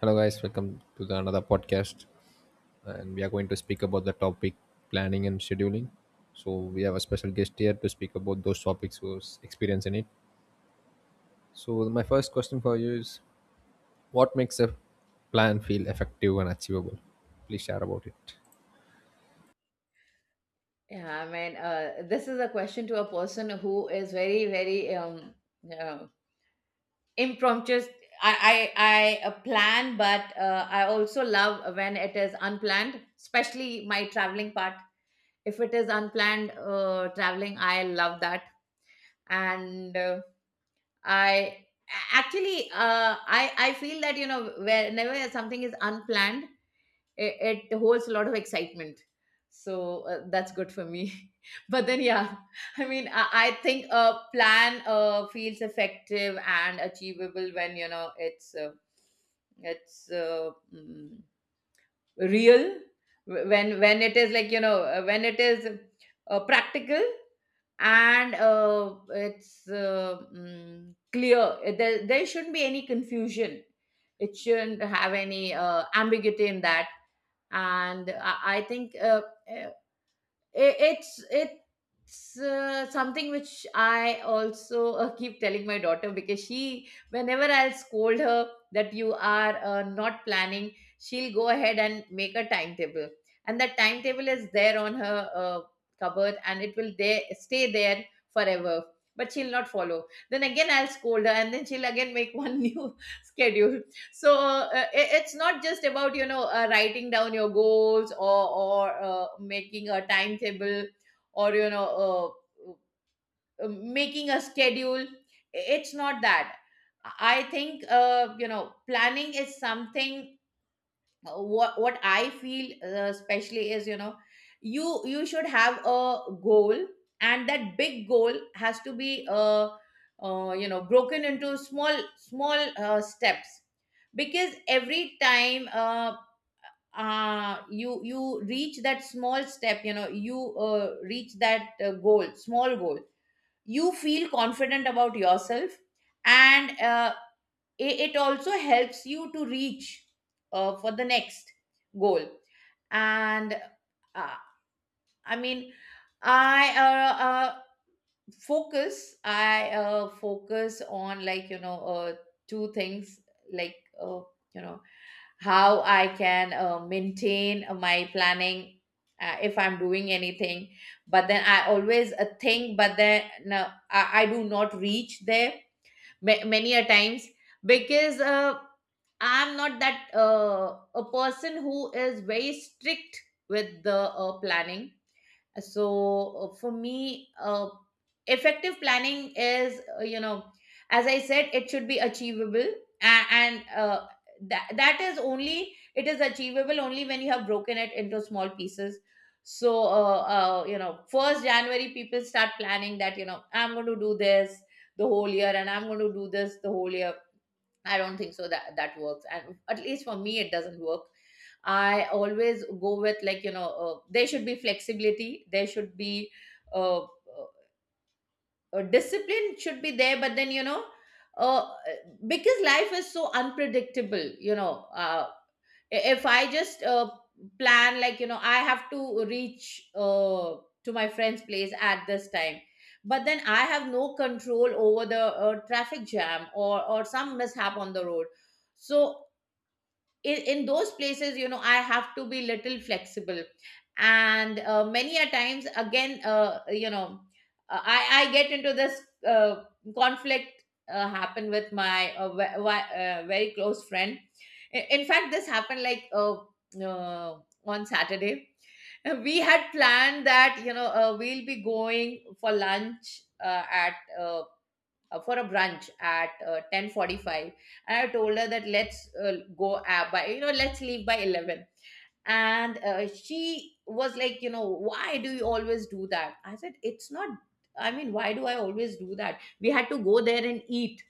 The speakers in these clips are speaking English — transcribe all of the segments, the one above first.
Hello, guys. Welcome to the another podcast, and we are going to speak about the topic planning and scheduling. So we have a special guest here to speak about those topics who's experience in it. So my first question for you is, what makes a plan feel effective and achievable? Please share about it. Yeah, I mean, this is a question to a person who is very, very uh, impromptu. I, I, I plan, but I also love when it is unplanned, especially my traveling part. If it is unplanned traveling, I love that. And uh, I a- Actually, I feel that, you know, whenever something is unplanned, it holds a lot of excitement, so that's good for me. But then yeah. I think a plan feels effective and achievable when you know it's real. When it is like, you know, when it is practical, and it's clear. There shouldn't be any confusion, it shouldn't have any ambiguity in that. And I think uh, it's something which I also keep telling my daughter, because she whenever I'll scold her that you are not planning, she'll go ahead and make a timetable. And that timetable is there on her cupboard, and it will there stay there forever, but she'll not follow. Then again I'll scold her, and then she'll again make one new schedule. So it's not just about, you know, writing down your goals, or making a timetable, or you know, making a schedule. It's not that. I think, you know, planning is something, what I feel especially is, you know, you should have a goal, and that big goal has to be you know, broken into small steps. Because every time you reach that small step, you know, you reach that goal, small goal, you feel confident about yourself. And it also helps you to reach for the next goal. And uh, I mean, I focus, I focus on, like, you know, two things, like, uh, you know, how I can maintain my planning, if I'm doing anything. But then I always think, but then no, I do not reach there many a times, because I'm not that a person who is very strict with the planning. So for me, effective planning is, you know, as I said, it should be achievable, and that is only, it is achievable only when you have broken it into small pieces. So you know, first January people start planning that, you know, I'm going to do this the whole year, and I'm going to do this the whole year. I don't think so that that works. And at least for me, it doesn't work. I always go with, like, you know, there should be flexibility. There should be uh, uh, discipline should be there, but then, you know, uh, because life is so unpredictable, you know, if I just plan, like, you know, I have to reach to my friend's place at this time, but then I have no control over the traffic jam, or some mishap on the road. So in those places, you know, I have to be little flexible. And many a times again, you know, I get into this uh, conflict. Happened with my very close friend. In fact, this happened like uh, on Saturday. We had planned that, you know, we'll be going for lunch, at uh, for a brunch at 10:45. And I told her that let's go by, you know, let's leave by 11. And she was like, you know, why do you always do that? I said, it's not, I mean, why do I always do that? We had to go there and eat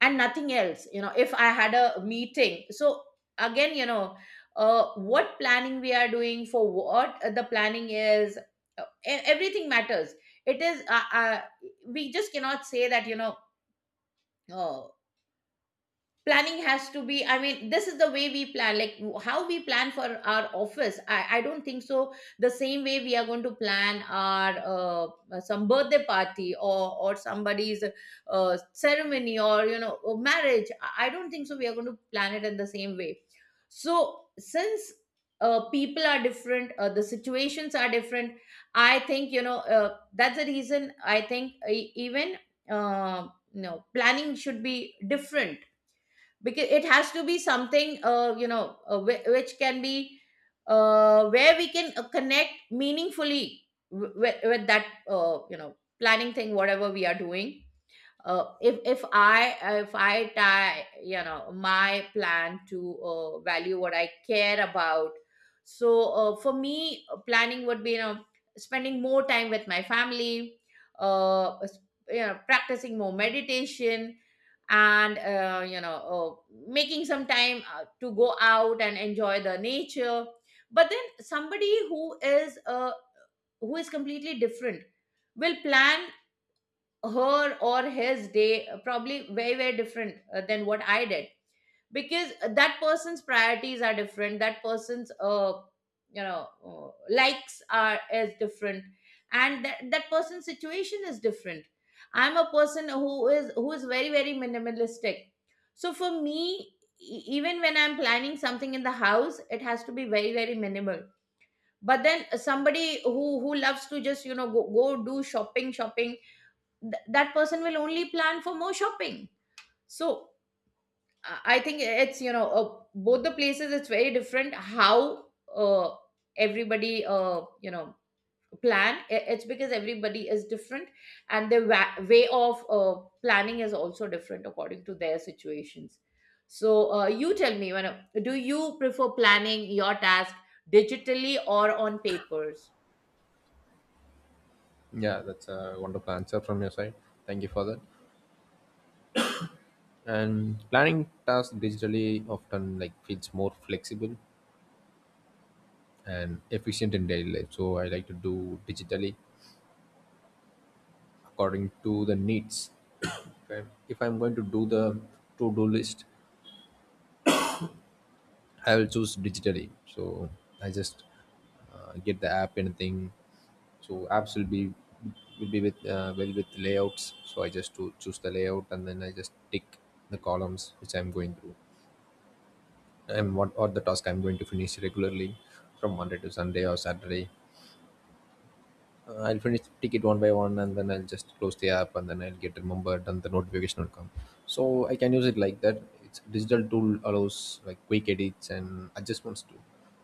and nothing else. You know, if I had a meeting, so. Again, you know, what planning we are doing, for what the planning is, everything matters. It is we just cannot say that, you know, oo, planning has to be, I mean, this is the way we plan, like, how we plan for our office, I don't think so the same way we are going to plan our some birthday party, or somebody's ceremony, or you know, a marriage, I don't think so we are going to plan it in the same way. So, since people are different, the situations are different, I think, you know, that's the reason I think even, uh, you know, planning should be different, because it has to be something you know, which can be where we can connect meaningfully with that, you know, planning thing, whatever we are doing. Uh, if if I if I tie, you know, my plan to value what I care about, so for me planning would be, you know, spending more time with my family, uh, s- you know, practicing more meditation, and you know, making some time to go out and enjoy the nature. But then somebody who is completely different will plan her or his day probably very very different than what I did, because that person's priorities are different, that person's, you know, likes are, is different, and that person's situation is different. I'm a person who is, who is very very minimalistic. So for me, even when I'm planning something in the house, it has to be very very minimal. But then somebody who loves to just, you know, go do shopping, that person will only plan for more shopping. so i I think it's, you know, both the places it's very different how uh, everybody you know, plan. It's because everybody is different, and their way of planning is also different according to their situations. So you tell me, when do you prefer planning your task, digitally or on papers? Yeah, that's a wonderful answer from your side. Thank you for that. And planning tasks digitally often like feels more flexible and efficient in daily life. So I like to do digitally according to the needs if I'm going to do the to-do list, I will choose digitally. So I just get the app anything. So apps will be with well with layouts. So I just to choose the layout and then I just tick the columns which I'm going through and what or the task I'm going to finish regularly from Monday to Sunday or Saturday. I'll finish the ticket one by one, and then I'll just close the app, and then I'll get remembered, and the notification will come. So I can use it like that. It's digital tool allows like quick edits and adjustments too,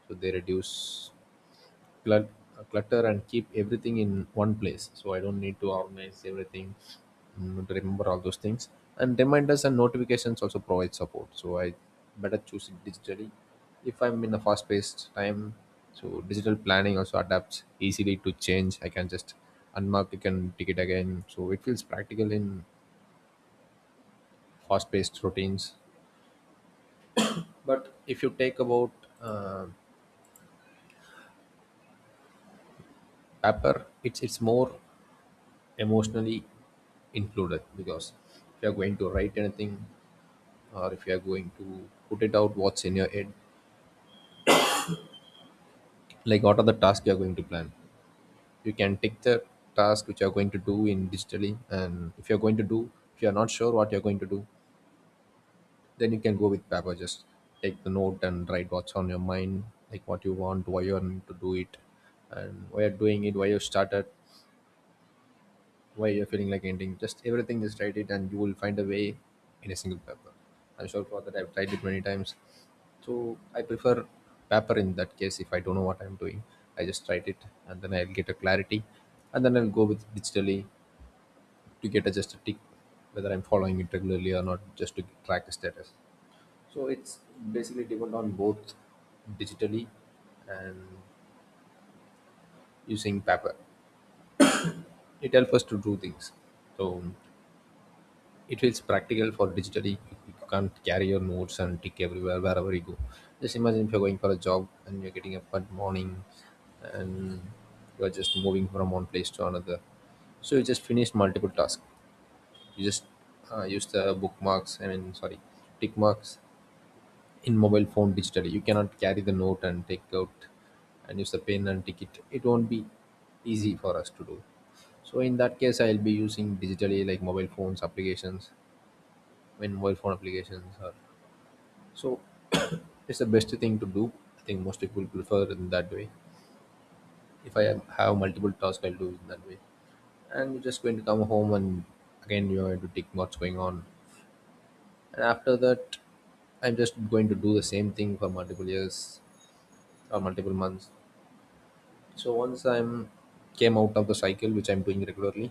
so they reduce clut- clutter and keep everything in one place so I don't need to organize everything to remember all those things, and reminders and notifications also provide support, so I better choose it digitally if I'm in a fast paced time. So digital planning also adapts easily to change. I can just unmark it and tick it again, so it feels practical in fast paced routines. But if you take about uh, paper, it's more emotionally included, because if you're going to write anything or if you're going to put it out what's in your head, like what are the tasks you're going to plan, you can take the task which you're going to do in digitally, and if you're going to do if you're not sure what you're going to do, then you can go with paper. Just take the note and write what's on your mind, like what you want, why you want to do it, and why you're doing it, why you started, why you're feeling like ending. Just everything, just write it, and you will find a way in a single paper. I'm sure for that. I've tried it many times. So I prefer paper in that case. If I don't know what I'm doing, I just write it, and then I'll get a clarity, and then I'll go with digitally to get a, just a tick whether I'm following it regularly or not, just to track the status. So it's basically depend on both digitally and using paper. It helps us to do things. So it feels practical for digitally. You can't carry your notes and tick everywhere wherever you go. Just imagine if you're going for a job and you're getting up at morning and you're just moving from one place to another. So you just finished multiple tasks. You just use the bookmarks. I mean, sorry, tick marks in mobile phone digitally. You cannot carry the note and take out and use the pen and tick it. It won't be easy for us to do. So in that case, I'll be using digitally like mobile phones applications in mobile phone applications or so it's the best thing to do. I think most people prefer in that way. If I have multiple tasks, I'll do it in that way. And you're just going to come home and again you're going to think what's going on, and after that I'm just going to do the same thing for multiple years or multiple months. So once I'm came out of the cycle which I'm doing regularly,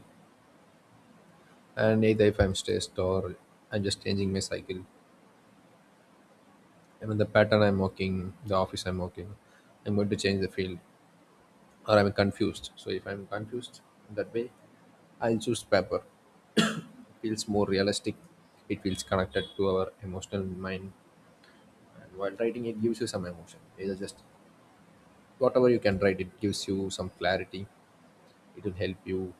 and either if I'm stressed or I'm just changing my cycle, I mean the pattern I'm working, the office I'm working, I'm going to change the field, or I'm confused. So if I'm confused that way, I'll choose paper. It feels more realistic. It feels connected to our emotional mind. And while writing, it gives you some emotion. Either just whatever you can write, it gives you some clarity. It will help you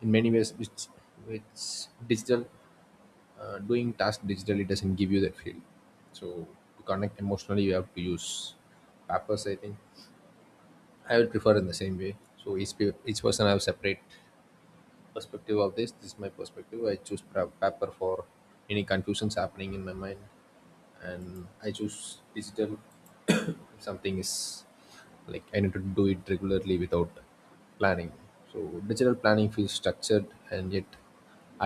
in many ways. Which digital doing task digitally doesn't give you that feel. So to connect emotionally, you have to use papers. I think I will prefer in the same way. So each each person have separate perspective of this. This is my perspective. I choose paper for any confusions happening in my mind, and I choose digital if something is like I need to do it regularly without planning. So digital planning feels structured and yet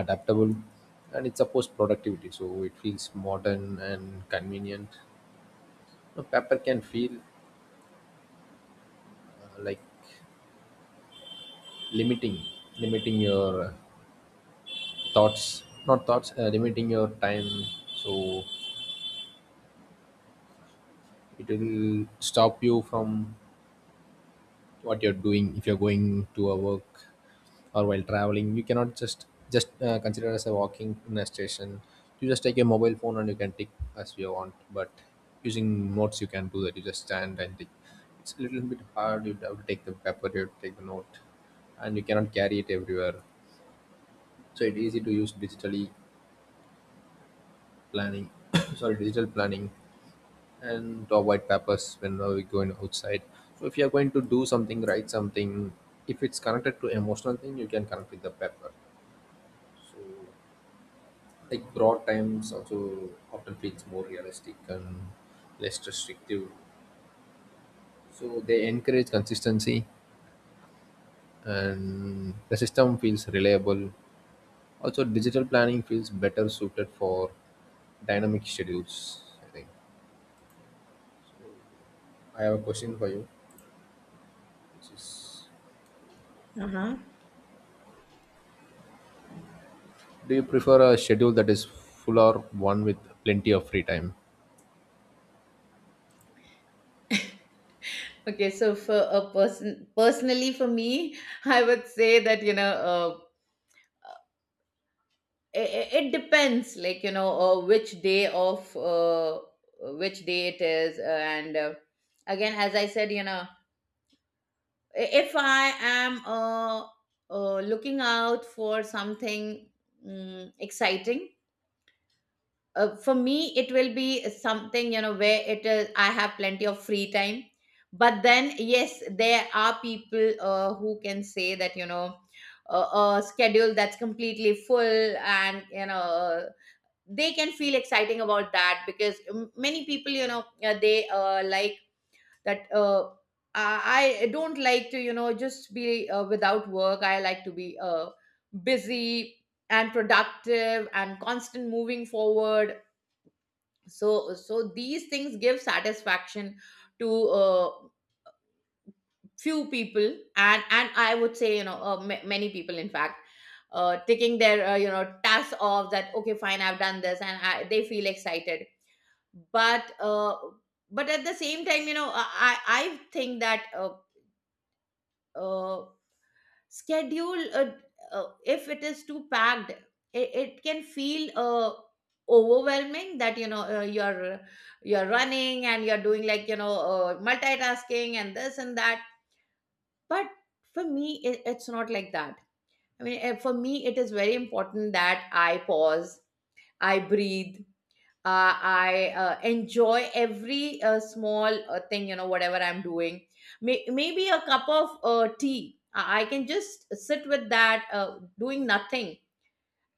adaptable, and it supports productivity, so it feels modern and convenient. Now, paper can feel like limiting, limiting your thoughts not thoughts limiting your time. So it will stop you from what you're doing if you're going to a work, or while traveling you cannot just consider as a walking in a station. You just take a mobile phone and you can tick as you want, but using notes you can do that. You just stand and tick. It's a little bit hard. You have to take the paper, you have to take the note, and you cannot carry it everywhere. So it's easy to use digitally planning sorry, digital planning, and to white papers whenever we going outside. So if you are going to do something, write something, if it's connected to emotional thing, you can connect with the paper. So like broad times also often feels more realistic and less restrictive. So they encourage consistency and the system feels reliable. Also digital planning feels better suited for dynamic schedules, I think. I have a question for you, which is Uh-huh. do you prefer a schedule that is full or one with plenty of free time? Okay, so for a person, personally for me, I would say that, you know, it depends, like, you know, which day of, which day it is. And Again, as I said, you know, if I am looking out for something, mm, exciting, for me it will be something, you know, where it is, I have plenty of free time. But then yes, there are people who can say that, you know, a schedule that's completely full, and you know, they can feel exciting about that, because many people, you know, they like that. I don't like to, you know, just be without work. I like to be busy and productive and constant moving forward. So, so these things give satisfaction to few people, and I would say, you know, ma many people, in fact, taking their you know, tasks off that, okay, fine, I've done this, and they feel excited. But at the same time, you know, I think that uh, schedule, if it is too packed, it can feel overwhelming, that, you know, you're running, and you're doing, like, you know, multitasking and this and that. But for me it's not like that. I mean, for me it is very important that I pause, I breathe, I enjoy every small thing, you know, whatever I'm doing. Maybe a cup of tea. I can just sit with that, doing nothing.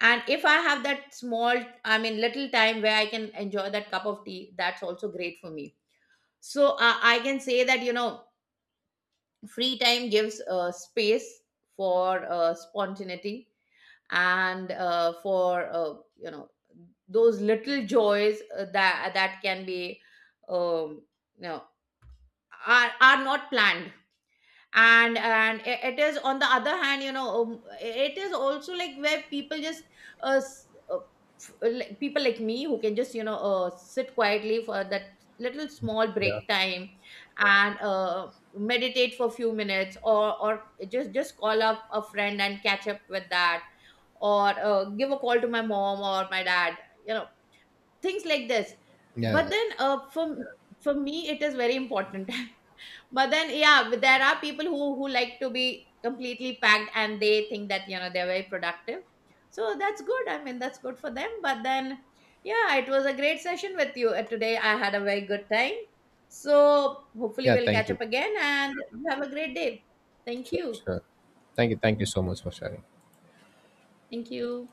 And if I have that small, I mean, little time where I can enjoy that cup of tea, that's also great for me. So I can say that, you know, free time gives space for spontaneity, and for you know, those little joys that that can be um, you know, are not planned. It is, on the other hand, you know, it is also like where people just uh, s- uh, people like me who can just, you know, sit quietly for that little small Yeah. break time. Yeah. And meditate for a few minutes, or just call up a friend and catch up with that, or give a call to my mom or my dad, you know, things like this. Yeah, yeah, But then for me it is very important. But then yeah, but there are people who like to be completely packed, and they think that, you know, they're very productive, so that's good. I mean, that's good for them. But then, yeah, it was a great session with you. Today I had a very good time. So hopefully yeah. we'll Thank catch you. up again, and you have a great day. Thank Sure, you. sure. Thank you. Thank you so much for sharing. Thank you.